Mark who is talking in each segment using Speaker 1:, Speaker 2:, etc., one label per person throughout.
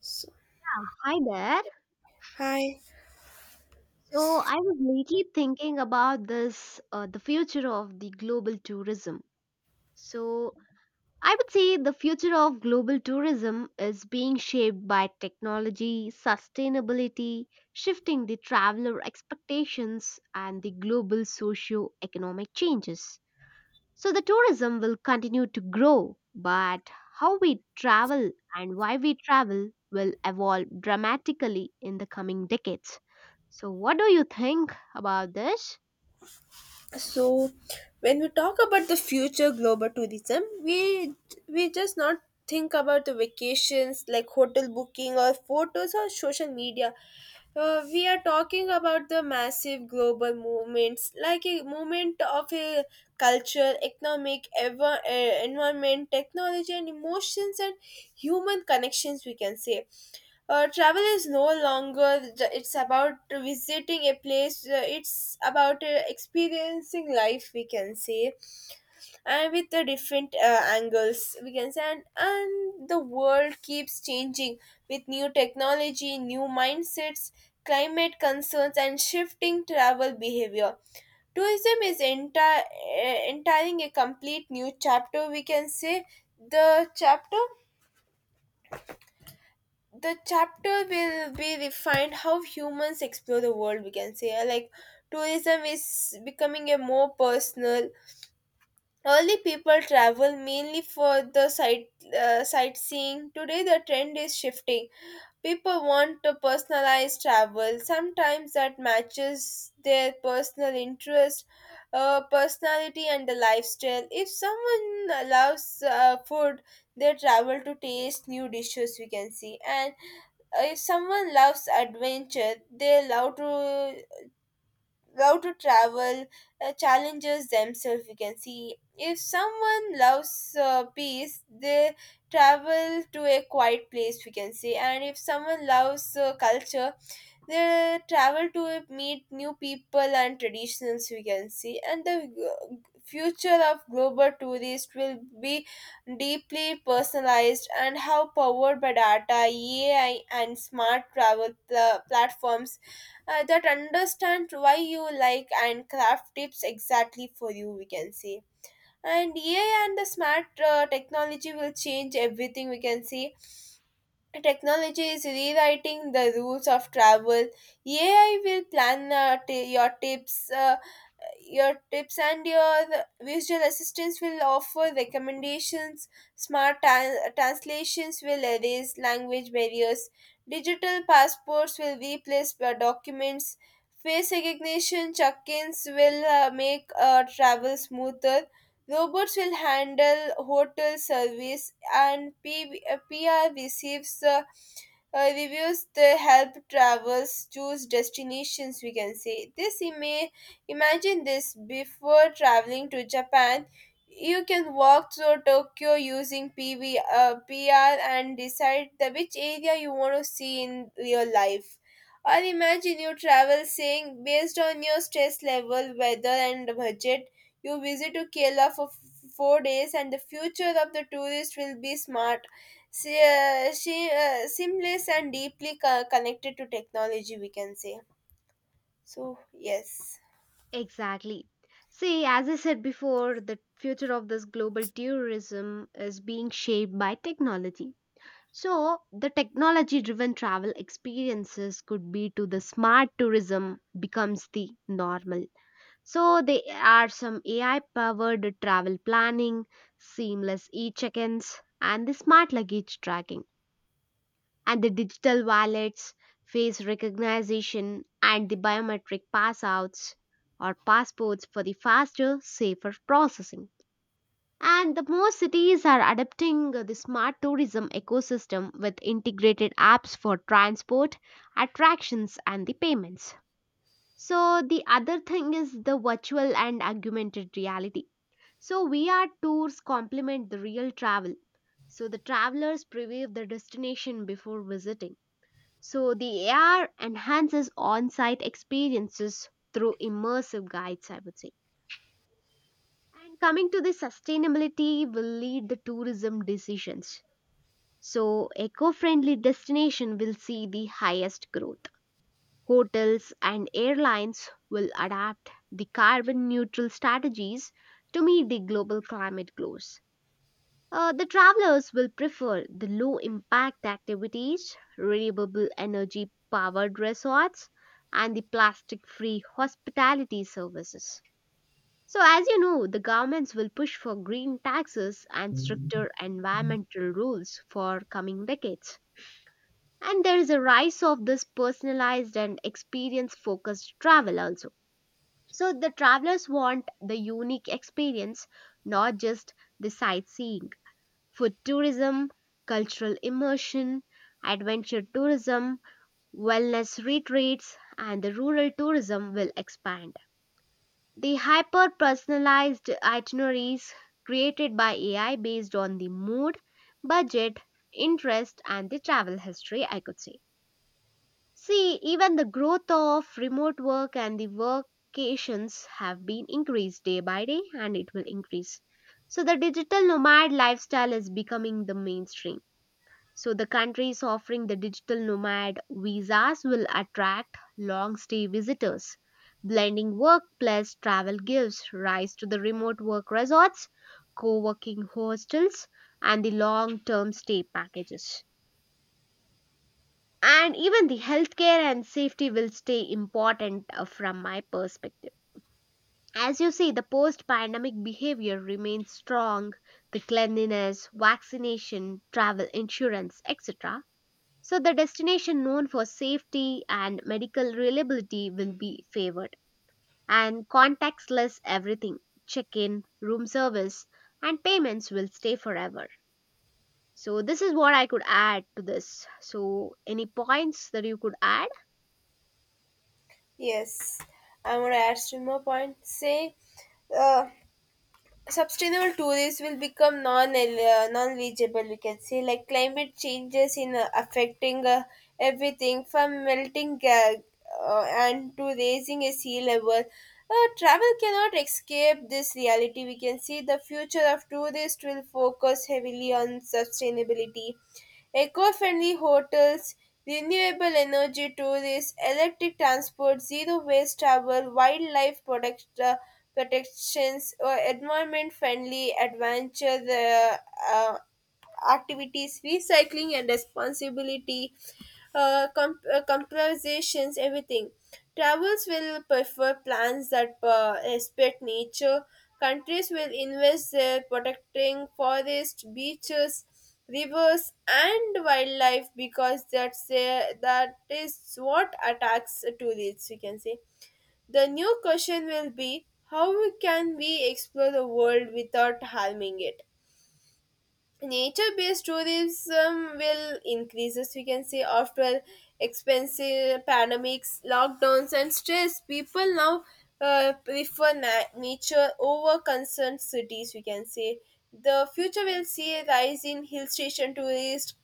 Speaker 1: So,
Speaker 2: Hi there.
Speaker 1: hi.
Speaker 2: So I was lately thinking about this, the future of the global tourism. So I would say the future of global tourism is being shaped by technology, sustainability, shifting the traveler expectations, and the global socio-economic changes. So the tourism will continue to grow, but how we travel and why we travel will evolve dramatically in the coming decades. So, what do you think about this?
Speaker 1: So, when we talk about the future global tourism, we just not think about the vacations like hotel booking or photos or social media. We are talking about the massive global movements, like a movement of a culture, economic, environment, technology, and emotions and human connections. We can say travel is no longer it's about visiting a place, it's about experiencing life, we can say, and with the different angles, we can say. And the world keeps changing with new technology, new mindsets, climate concerns, and shifting travel behavior. Tourism is entering a complete new chapter, we can say. The chapter the chapter will be refined how humans explore the world, we can say. Like tourism is becoming a more personal, early people travel mainly for the sightseeing. Today the trend is shifting. People want to personalized travel sometimes that matches their personal interest, personality, and the lifestyle. If someone loves food, they travel to taste new dishes, we can see. And if someone loves adventure, they love to travel, challenges themselves, we can see. If someone loves peace, they travel to a quiet place, we can see. And if someone loves culture, they travel to meet new people and traditions, we can see. And the future of global tourist will be deeply personalized and how powered by data, ai, and smart travel platforms that understand why you like and craft tips exactly for you, we can see. And ai and the smart technology will change everything, we can see. Technology is rewriting the rules of travel. Ai will plan your tips and your visual assistants will offer recommendations. Smart translations will erase language barriers. Digital passports will replace documents. Face recognition check-ins will make travel smoother. Robots will handle hotel service and P- pr receives reviews the help travelers choose destinations, we can say. This email Imagine this. Before traveling to Japan, you can walk through Tokyo using PR and decide the which area you want to see in real life. Or imagine you travel saying based on your stress level, weather, and budget, you visit to Kerala for 4 days. And the future of the tourist will be smart, seamless, and deeply connected to technology, we can say. So yes.
Speaker 2: Exactly. See, as I said before, the future of this global tourism is being shaped by technology. So, the technology driven travel experiences could be to the smart tourism becomes the normal. So there are some AI powered travel planning, seamless e-check-ins and the smart luggage tracking and the digital wallets, face recognition and the biometric passouts or passports for the faster, safer processing. And the more cities are adapting the smart tourism ecosystem with integrated apps for transport, attractions and the payments. So the other thing is the virtual and augmented reality. So VR tours complement the real travel. So the travelers preview the destination before visiting. So the AR enhances on-site experiences through immersive guides, I would say. And coming to the sustainability will lead the tourism decisions. So eco-friendly destination will see the highest growth. Hotels and airlines will adapt the carbon neutral strategies to meet the global climate goals. The travelers will prefer the low impact activities, renewable energy powered resorts, and the plastic free hospitality services. So, as you know, the governments will push for green taxes and stricter environmental rules for coming decades. And there is a rise of this personalized and experience focused travel also. So, the travelers want the unique experience, not just the sightseeing, food tourism, cultural immersion, adventure tourism, wellness retreats, and the rural tourism will expand. The hyper personalized itineraries created by AI based on the mood, budget, interest, and the travel history, I could say. See, even the growth of remote work and the workations have been increased day by day, and it will increase. So, the digital nomad lifestyle is becoming the mainstream. So, the countries offering the digital nomad visas will attract long stay visitors. Blending work plus travel gives rise to the remote work resorts, co working hostels, and the long term stay packages. And even the healthcare and safety will stay important from my perspective. As you see, the post pandemic behavior remains strong. The cleanliness, vaccination, travel insurance, etc. So, the destination known for safety and medical reliability will be favored. And contactless everything, check in, room service, and payments will stay forever. So, this is what I could add to this. So, any points that you could add?
Speaker 1: Yes, I'm gonna add still more point. Say, uh, sustainable tourism will become non-legible, we can say. Like climate changes in affecting everything from melting and to raising a sea level. Travel cannot escape this reality, we can see. The future of tourists will focus heavily on sustainability, eco-friendly hotels, renewable energy tourists, electric transport, zero waste travel, wildlife protections, or environment friendly adventure uh, activities, recycling and responsibility, compensations, everything. Travels will prefer plans that respect nature. Countries will invest their protecting forests, beaches, rivers, and wildlife because that is what attacks tourists, we can say. The new question will be, how can we explore the world without harming it? Nature-based tourism will increases, we can say. After expensive pandemics lockdowns and stress, people now prefer nature over concerned cities, we can say. The future will see a rise in hill station tourists,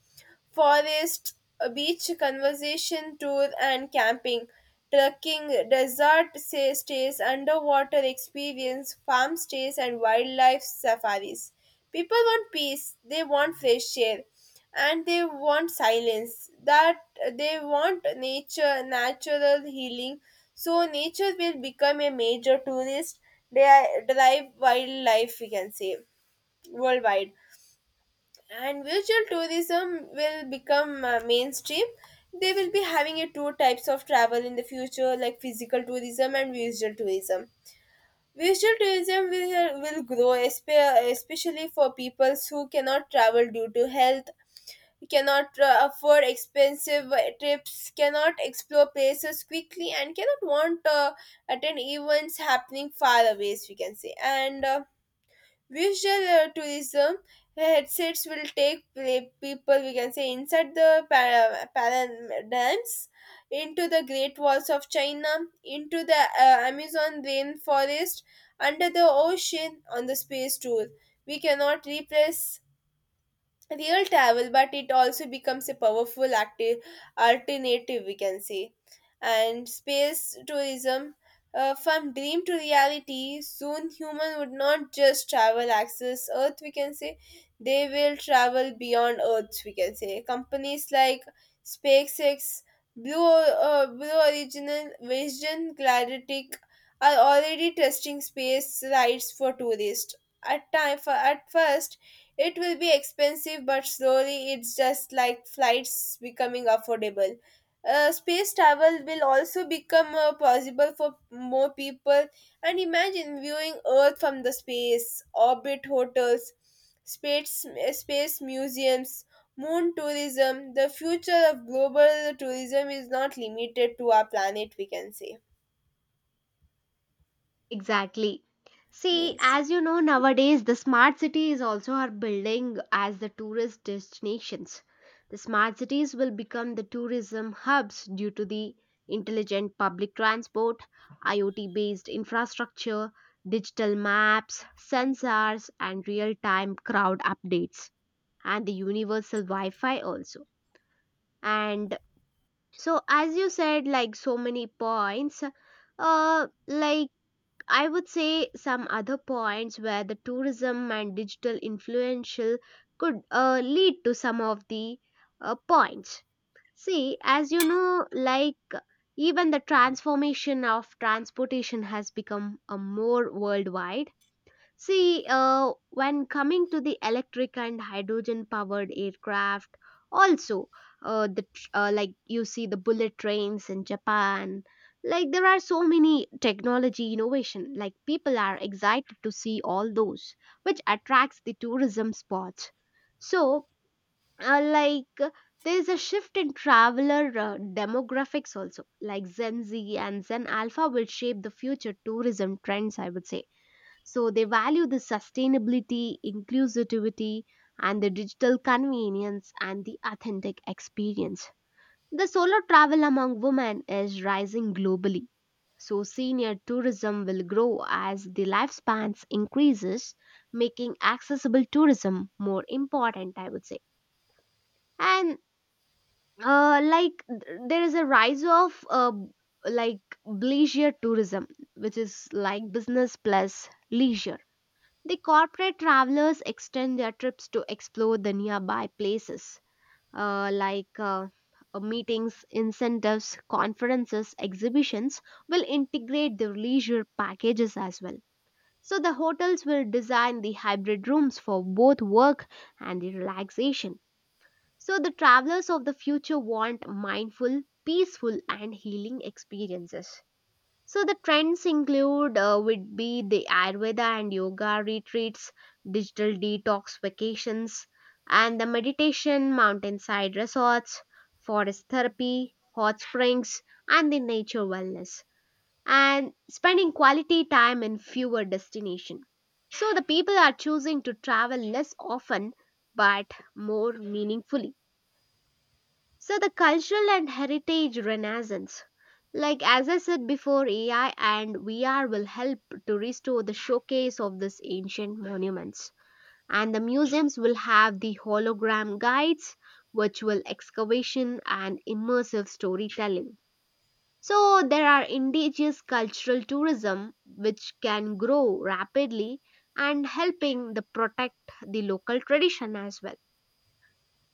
Speaker 1: forest, a beach conservation tour and camping, trekking, desert stays, underwater experience, farm stays, and wildlife safaris. People want peace, they want fresh air, and they want silence. That they want nature, natural healing. So nature will become a major tourist drive wildlife, we can say, worldwide. And virtual tourism will become mainstream. They will be having a two types of travel in the future like physical tourism and virtual tourism. Virtual tourism will grow especially for people who cannot travel due to health, cannot afford expensive trips, cannot explore places quickly, and cannot want to attend events happening far away, as we can say. And visual tourism headsets will take people, we can say, inside the paradigms, into the Great Walls of China, into the Amazon rainforest, under the ocean, on the space tour. We cannot replace real travel, but it also becomes a powerful active alternative, we can say. And space tourism, from dream to reality, soon human would not just travel access earth, we can say. They will travel beyond earth, we can say. Companies like SpaceX, Blue Original, Vision Galactic, are already testing space rides for tourists. At time for at first, it will be expensive, but slowly it's just like flights becoming affordable. Space travel will also become possible for more people. And imagine viewing Earth from the space, orbit hotels, space, space museums, moon tourism. The future of global tourism is not limited to our planet, we can say.
Speaker 2: Exactly. See,
Speaker 1: Yes.
Speaker 2: as you know, nowadays the smart cities also are building as the tourist destinations. The smart cities will become the tourism hubs due to the intelligent public transport, IoT based infrastructure, digital maps, sensors, and real time crowd updates, and the universal Wi Fi also. And so, as you said, like so many points, like I would say some other points where the tourism and digital influential could lead to some of the points. See, as you know, like even the transformation of transportation has become a more worldwide. See, when coming to the electric and hydrogen powered aircraft, also, like you see the bullet trains in Japan, like there are so many technology innovation. Like people are excited to see all those, which attracts the tourism spots. So, uh, like uh, there is a shift in traveler demographics also. Like Gen Z and Zen Alpha will shape the future tourism trends, I would say. So they value the sustainability, inclusivity, and the digital convenience and the authentic experience. The solo travel among women is rising globally. So senior tourism will grow as the lifespans increases, making accessible tourism more important, I would say. And there is a rise of like bleisure tourism, which is like business plus leisure. The corporate travelers extend their trips to explore the nearby places, uh, like uh, meetings, incentives, conferences, exhibitions will integrate their leisure packages as well. So the hotels will design the hybrid rooms for both work and the relaxation. So the travelers of the future want mindful, peaceful and healing experiences. So the trends include would be the Ayurveda and yoga retreats, digital detox vacations, and the meditation, mountainside resorts, forest therapy, hot springs, and the nature wellness, and spending quality time in fewer destinations. So the people are choosing to travel less often but more meaningfully. So the cultural and heritage renaissance. Like as I said before, AI and VR will help to restore the showcase of these ancient monuments. And the museums will have the hologram guides, virtual excavation, and immersive storytelling. So there are indigenous cultural tourism which can grow rapidly and helping the protect the local tradition as well,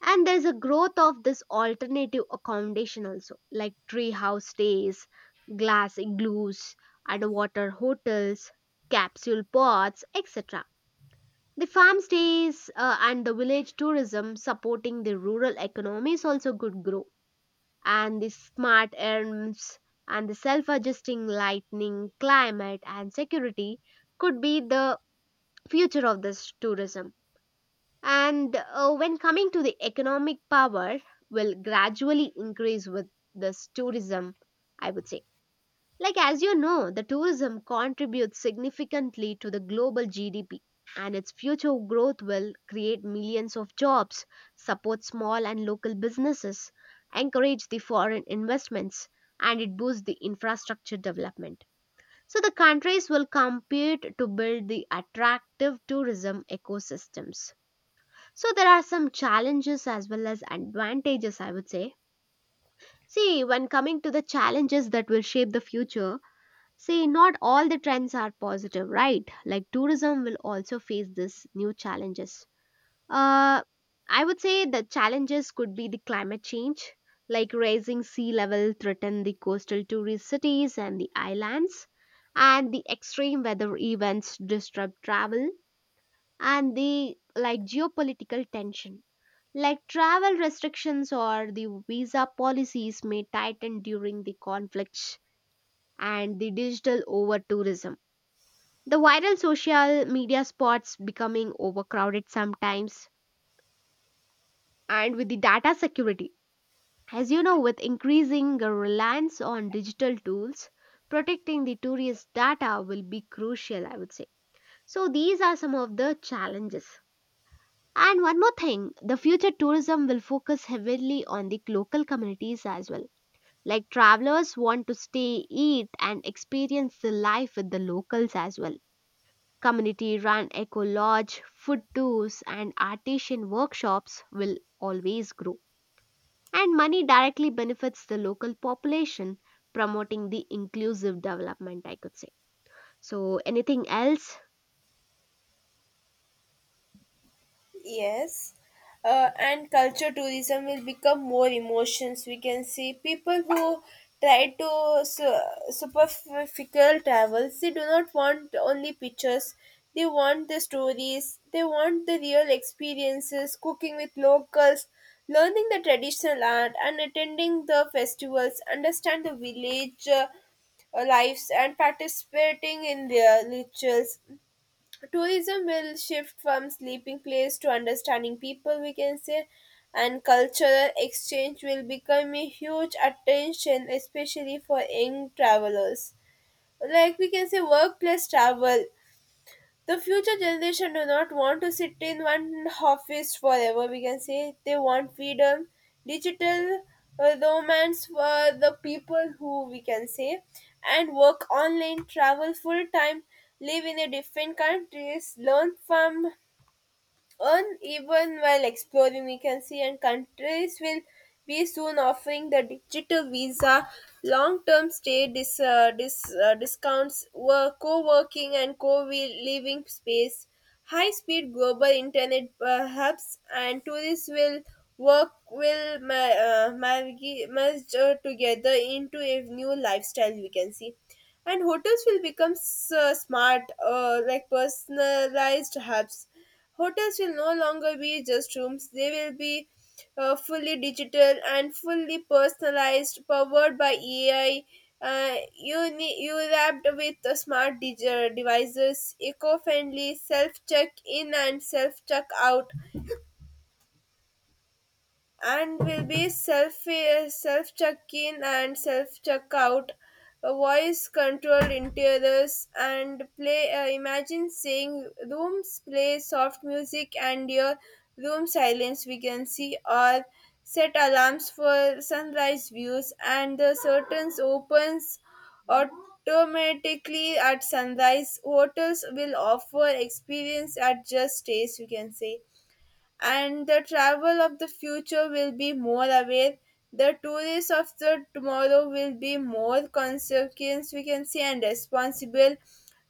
Speaker 2: and there's a growth of this alternative accommodation also, like treehouse stays, glass igloos, underwater hotels, capsule pods, etc. The farm stays and the village tourism supporting the rural economies also could grow, and the smart erms and the self-adjusting lightning climate and security could be the future of this tourism. And when coming to the economic power, will gradually increase with this tourism, I would say. Like, as you know, the tourism contributes significantly to the global GDP, and its future growth will create millions of jobs, support small and local businesses, encourage the foreign investments, and it boosts the infrastructure development. So, the countries will compete to build the attractive tourism ecosystems, so there are some challenges as well as advantages, I would say. See, when coming to the challenges that will shape the future, see, not all the trends are positive, right? Like tourism will also face this new challenges. Uh, I would say the challenges could be the climate change, like rising sea level threaten the coastal tourist cities and the islands, and the extreme weather events disrupt travel, and the like geopolitical tension, like travel restrictions or the visa policies may tighten during the conflicts, and the digital over tourism. The viral social media spots becoming overcrowded sometimes, and with the data security. As you know, with increasing reliance on digital tools, protecting the tourist data will be crucial, I would say. So these are some of the challenges. And one more thing, the future tourism will focus heavily on the local communities as well. Like travelers want to stay, eat, and experience the life with the locals as well. Community run eco lodge, food tours, and artisan workshops will always grow. And money directly benefits the local population, promoting the inclusive development, I could say. So, anything else?
Speaker 1: Yes, and culture tourism will become more emotions, we can see. People who try to superficial travels. They do not want only pictures. They want the stories. They want the real experiences. Cooking with locals, learning the traditional art, and attending the festivals. Understand the village. Lives and participating in their rituals. Tourism will shift from sleeping place to understanding people, we can say. And cultural exchange will become a huge attention, especially for young travelers, like we can say workplace travel. The future generation do not want to sit in one office forever, we can say. They want freedom, digital romance for the people who we can say, and work online, travel full time, live in a different countries, learn from, and even while exploring, we can see. And countries will be soon offering the digital visa, long-term stay discounts, work, co-working and co-living space, high-speed global internet hubs, and tourists will work will ma- margi- merge together into a new lifestyle, we can see. And hotels will become smart like personalized hubs. Hotels will no longer be just rooms, they will be fully digital and fully personalized, powered by AI. You need, you wrapped with the smart devices, eco-friendly self-check-in and self-check-out, and will be self check in and self check out, voice controlled interiors and play, imagine saying rooms play soft music and your room silence, we can see. Or set alarms for sunrise views and the curtains opens automatically at sunrise. Hotels will offer experience at just stays, we can say. And the travel of the future will be more aware. The tourists of the tomorrow will be more consequence, we can say, and responsible,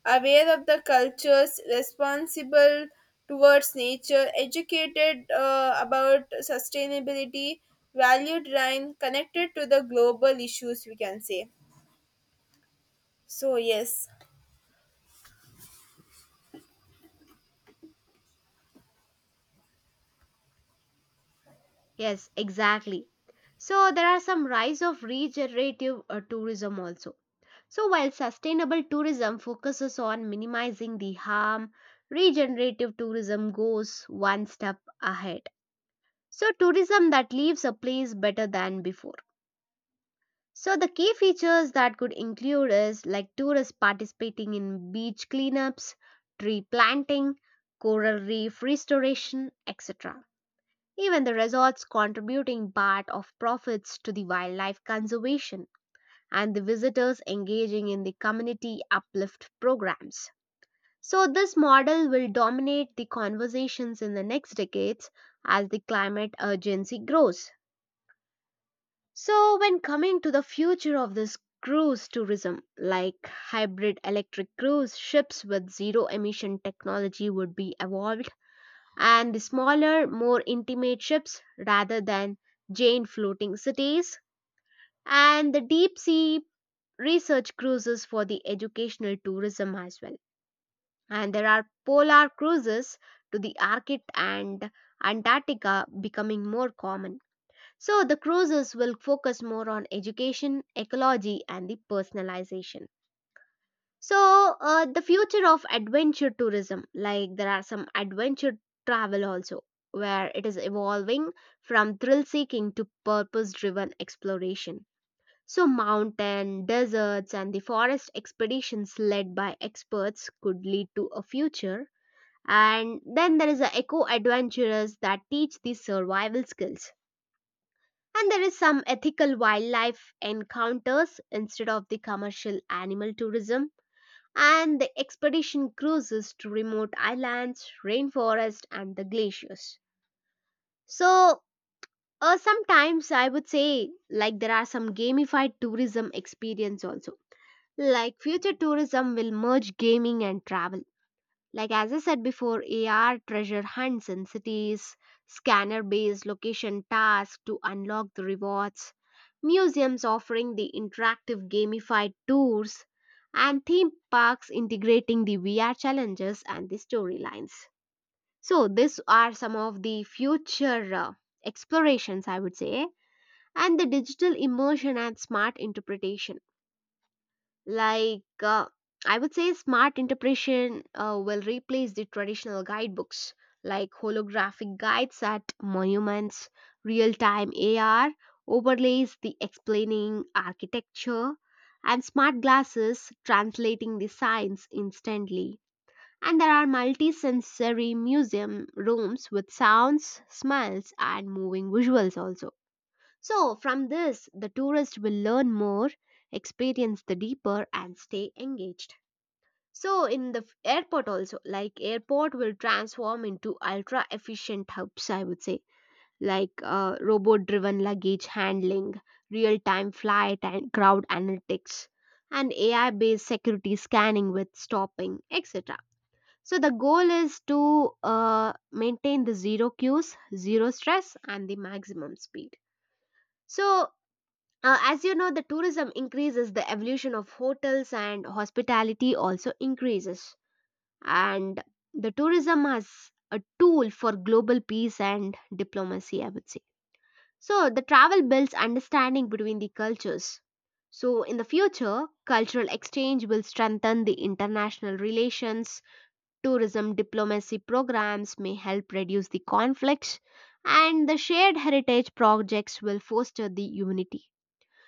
Speaker 1: aware of the cultures, responsible towards nature, educated about sustainability, valued rhyme, connected to the global issues, we can say. So yes.
Speaker 2: Yes, exactly. So, there are some rise of regenerative tourism also. So, while sustainable tourism focuses on minimizing the harm, regenerative tourism goes one step ahead. So, tourism that leaves a place better than before. So, the key features that could include is like tourists participating in beach cleanups, tree planting, coral reef restoration, etc. Even the resorts contributing part of profits to the wildlife conservation and the visitors engaging in the community uplift programs. So, this model will dominate the conversations in the next decades as the climate urgency grows. So, when coming to the future of this cruise tourism, like hybrid electric cruise ships with zero emission technology would be evolved, and the smaller, more intimate ships rather than giant floating cities, and the deep sea research cruises for the educational tourism as well. And there are polar cruises to the Arctic and Antarctica becoming more common. So the cruises will focus more on education, ecology, and the personalization. So, the future of adventure tourism, like there are some adventure travel also, where it is evolving from thrill seeking to purpose driven exploration. So, mountain, deserts, and the forest expeditions led by experts could lead to a future. And then there is the eco adventurers that teach these survival skills. And there is some ethical wildlife encounters instead of the commercial animal tourism. And the expedition cruises to remote islands, rainforest, and the glaciers. So, sometimes I would say like there are some gamified tourism experience also. Like future tourism will merge gaming and travel. Like as I said before, AR treasure hunts in cities, scanner based location tasks to unlock the rewards, museums offering the interactive gamified tours, and theme parks integrating the VR challenges and the storylines. So, these are some of the future explorations, I would say, and the digital immersion and smart interpretation. Like, I would say smart interpretation will replace the traditional guidebooks, like holographic guides at monuments, real time AR overlays the explaining architecture, and smart glasses translating the signs instantly. And there are multi-sensory museum rooms with sounds, smells, and moving visuals also. So, from this, the tourist will learn more, experience the deeper, and stay engaged. So, in the airport also, like airport will transform into ultra efficient hubs, I would say, like robot driven luggage handling, real time flight and crowd analytics, and AI based security scanning with stopping, etc. So, the goal is to maintain the zero queues, zero stress, and the maximum speed. So, as you know, the tourism increases, the evolution of hotels and hospitality also increases. And the tourism has a tool for global peace and diplomacy, I would say. So, the travel builds understanding between the cultures. So, in the future, cultural exchange will strengthen the international relations. Tourism diplomacy programs may help reduce the conflicts, and the shared heritage projects will foster the unity.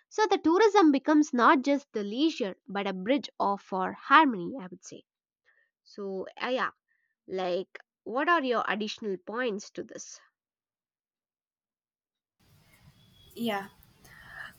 Speaker 2: So the tourism becomes not just the leisure but a bridge of for harmony, I would say. So, like what are your additional points to this?
Speaker 1: Yeah.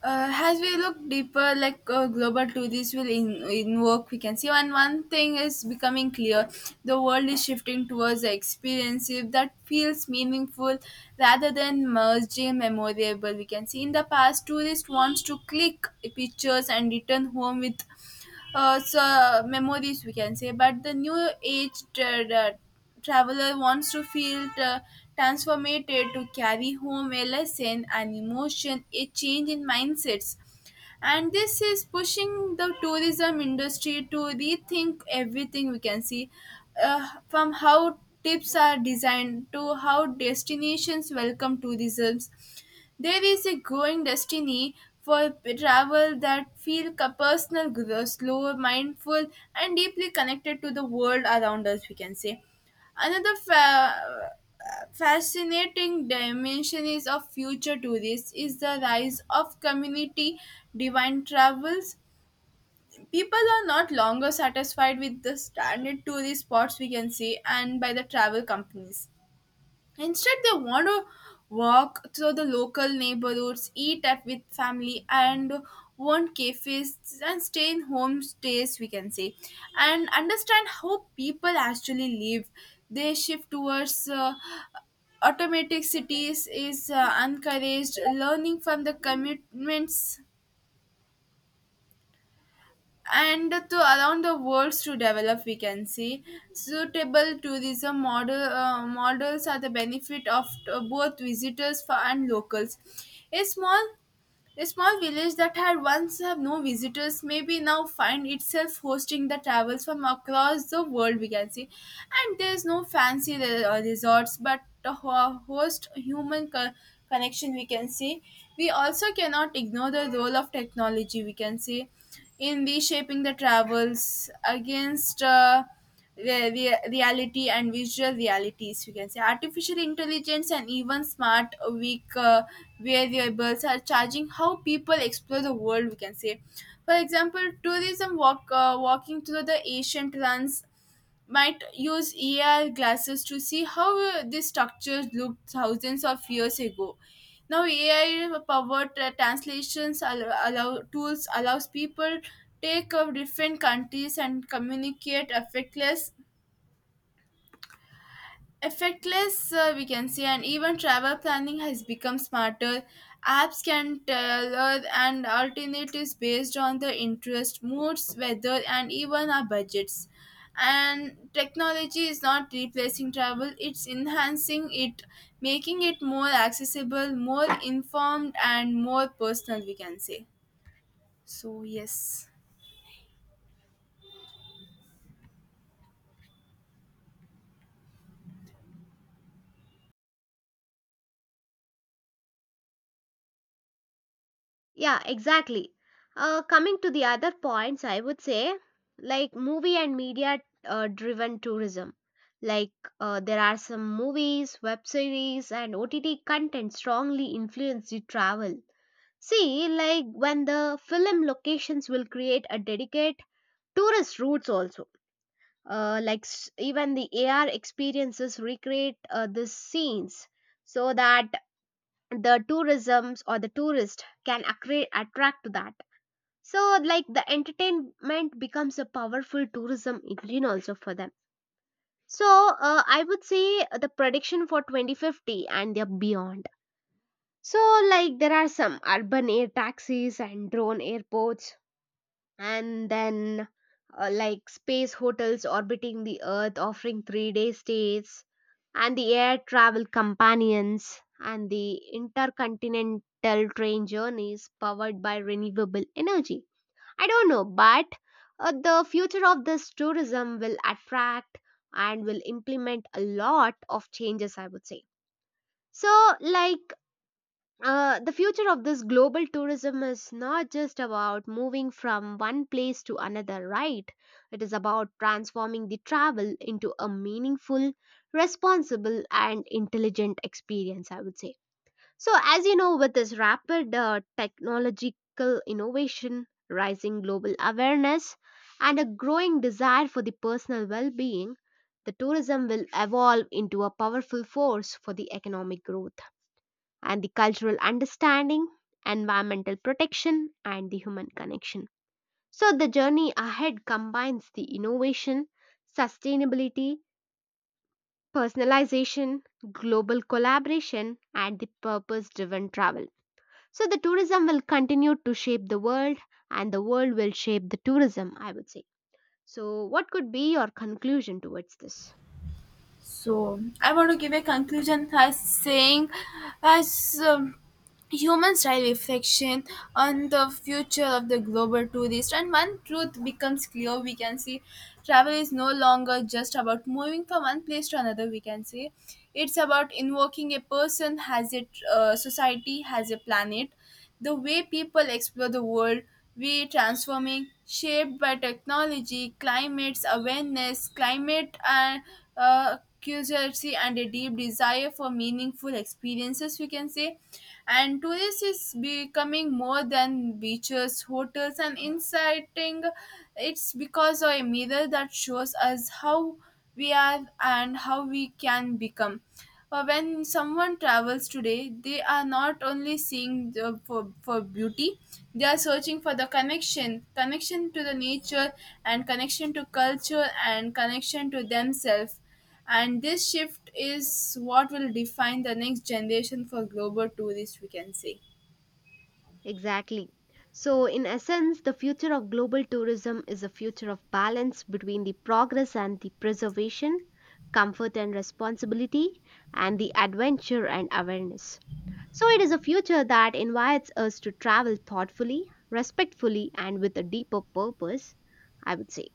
Speaker 1: As we look deeper, like global tourism will in work, we can see. And one thing is becoming clear: the world is shifting towards the experience that feels meaningful rather than merging memorable, we can see. In the past, tourists wants to click pictures and return home with memories, we can say. But the new age traveler wants to feel transformated, to carry home a lesson, an emotion, a change in mindsets. And this is pushing the tourism industry to rethink everything, we can see. From how tips are designed to how destinations welcome tourism, there is a growing destiny for travel that feel personal, slow, mindful, and deeply connected to the world around us, we can say. Another fascinating dimension is of future tourists is the rise of community divine travels. People are not longer satisfied with the standard tourist spots, we can say, and by the travel companies. Instead, they want to walk through the local neighborhoods, eat at with family, and want cafes and stay in homestays, we can say, and understand how people actually live. They shift towards automatic cities is encouraged. Learning from the commitments and to allow the worlds to develop, we can see. Suitable tourism model models are the benefit of both visitors for and locals. a small a small village that had once had no visitors may be now find itself hosting the travels from across the world, we can see. And there's no fancy resorts but the host human connection, we can see. We also cannot ignore the role of technology, we can see, in reshaping the travels against reality and visual realities, we can say, artificial intelligence and even smart weak variables are charging how people explore the world, we can say. For example, tourism walking through the ancient ruins might use AR glasses to see how these structures looked thousands of years ago. Now AI powered translations allow tools allows people take of different countries and communicate effortless, effectless, we can say. And even travel planning has become smarter. Apps can tailor and alternatives based on the interest, moods, weather, and even our budgets. And technology is not replacing travel, it's enhancing it, making it more accessible, more informed, and more personal, we can say. So, yes.
Speaker 2: Yeah, exactly. Coming to the other points, I would say, like movie and media driven tourism. Like there are some movies, web series, and OTT content strongly influence the travel. See, like when the film locations will create a dedicate tourist routes also, even the AR experiences recreate the scenes so that the tourisms or the tourist can attract to that. So like the entertainment becomes a powerful tourism engine also for them. So, I would say the prediction for 2050 and they're beyond. So like there are some urban air taxis and drone airports, and then like space hotels orbiting the earth offering 3-day stays and the air travel companions and the intercontinental train journeys powered by renewable energy. I don't know, but the future of this tourism will attract and will implement a lot of changes, I would say. So like uh, the future of this global tourism is not just about moving from one place to another, right? It is about transforming the travel into a meaningful, responsible, and intelligent experience, I would say. So, as you know, with this rapid technological innovation, rising global awareness, and a growing desire for the personal well being, the tourism will evolve into a powerful force for the economic growth and the cultural understanding, environmental protection, and the human connection. So, the journey ahead combines the innovation, sustainability, personalization, global collaboration, and the purpose driven travel. So, the tourism will continue to shape the world, and the world will shape the tourism, I would say. So, what could be your conclusion towards this?
Speaker 1: So I want to give a conclusion by saying, as humans style reflection on the future of the global tourist, and one truth becomes clear, we can see. Travel is no longer just about moving from one place to another, we can say. It's about invoking a person, has a society, has a planet. The way people explore the world, we transforming, shaped by technology, climates awareness, climate and curiosity, and a deep desire for meaningful experiences, we can say. And tourist is becoming more than beaches, hotels, and inciting. It's because of a mirror that shows us how we are and how we can become. When someone travels today, they are not only seeing the, for beauty, they are searching for the connection, connection to the nature, and connection to culture, and connection to themselves. And this shift is what will define the next generation for global tourists, we can say.
Speaker 2: Exactly. So, in essence, the future of global tourism is a future of balance between the progress and the preservation, comfort and responsibility, and the adventure and awareness. So, it is a future that invites us to travel thoughtfully, respectfully, and with a deeper purpose, I would say.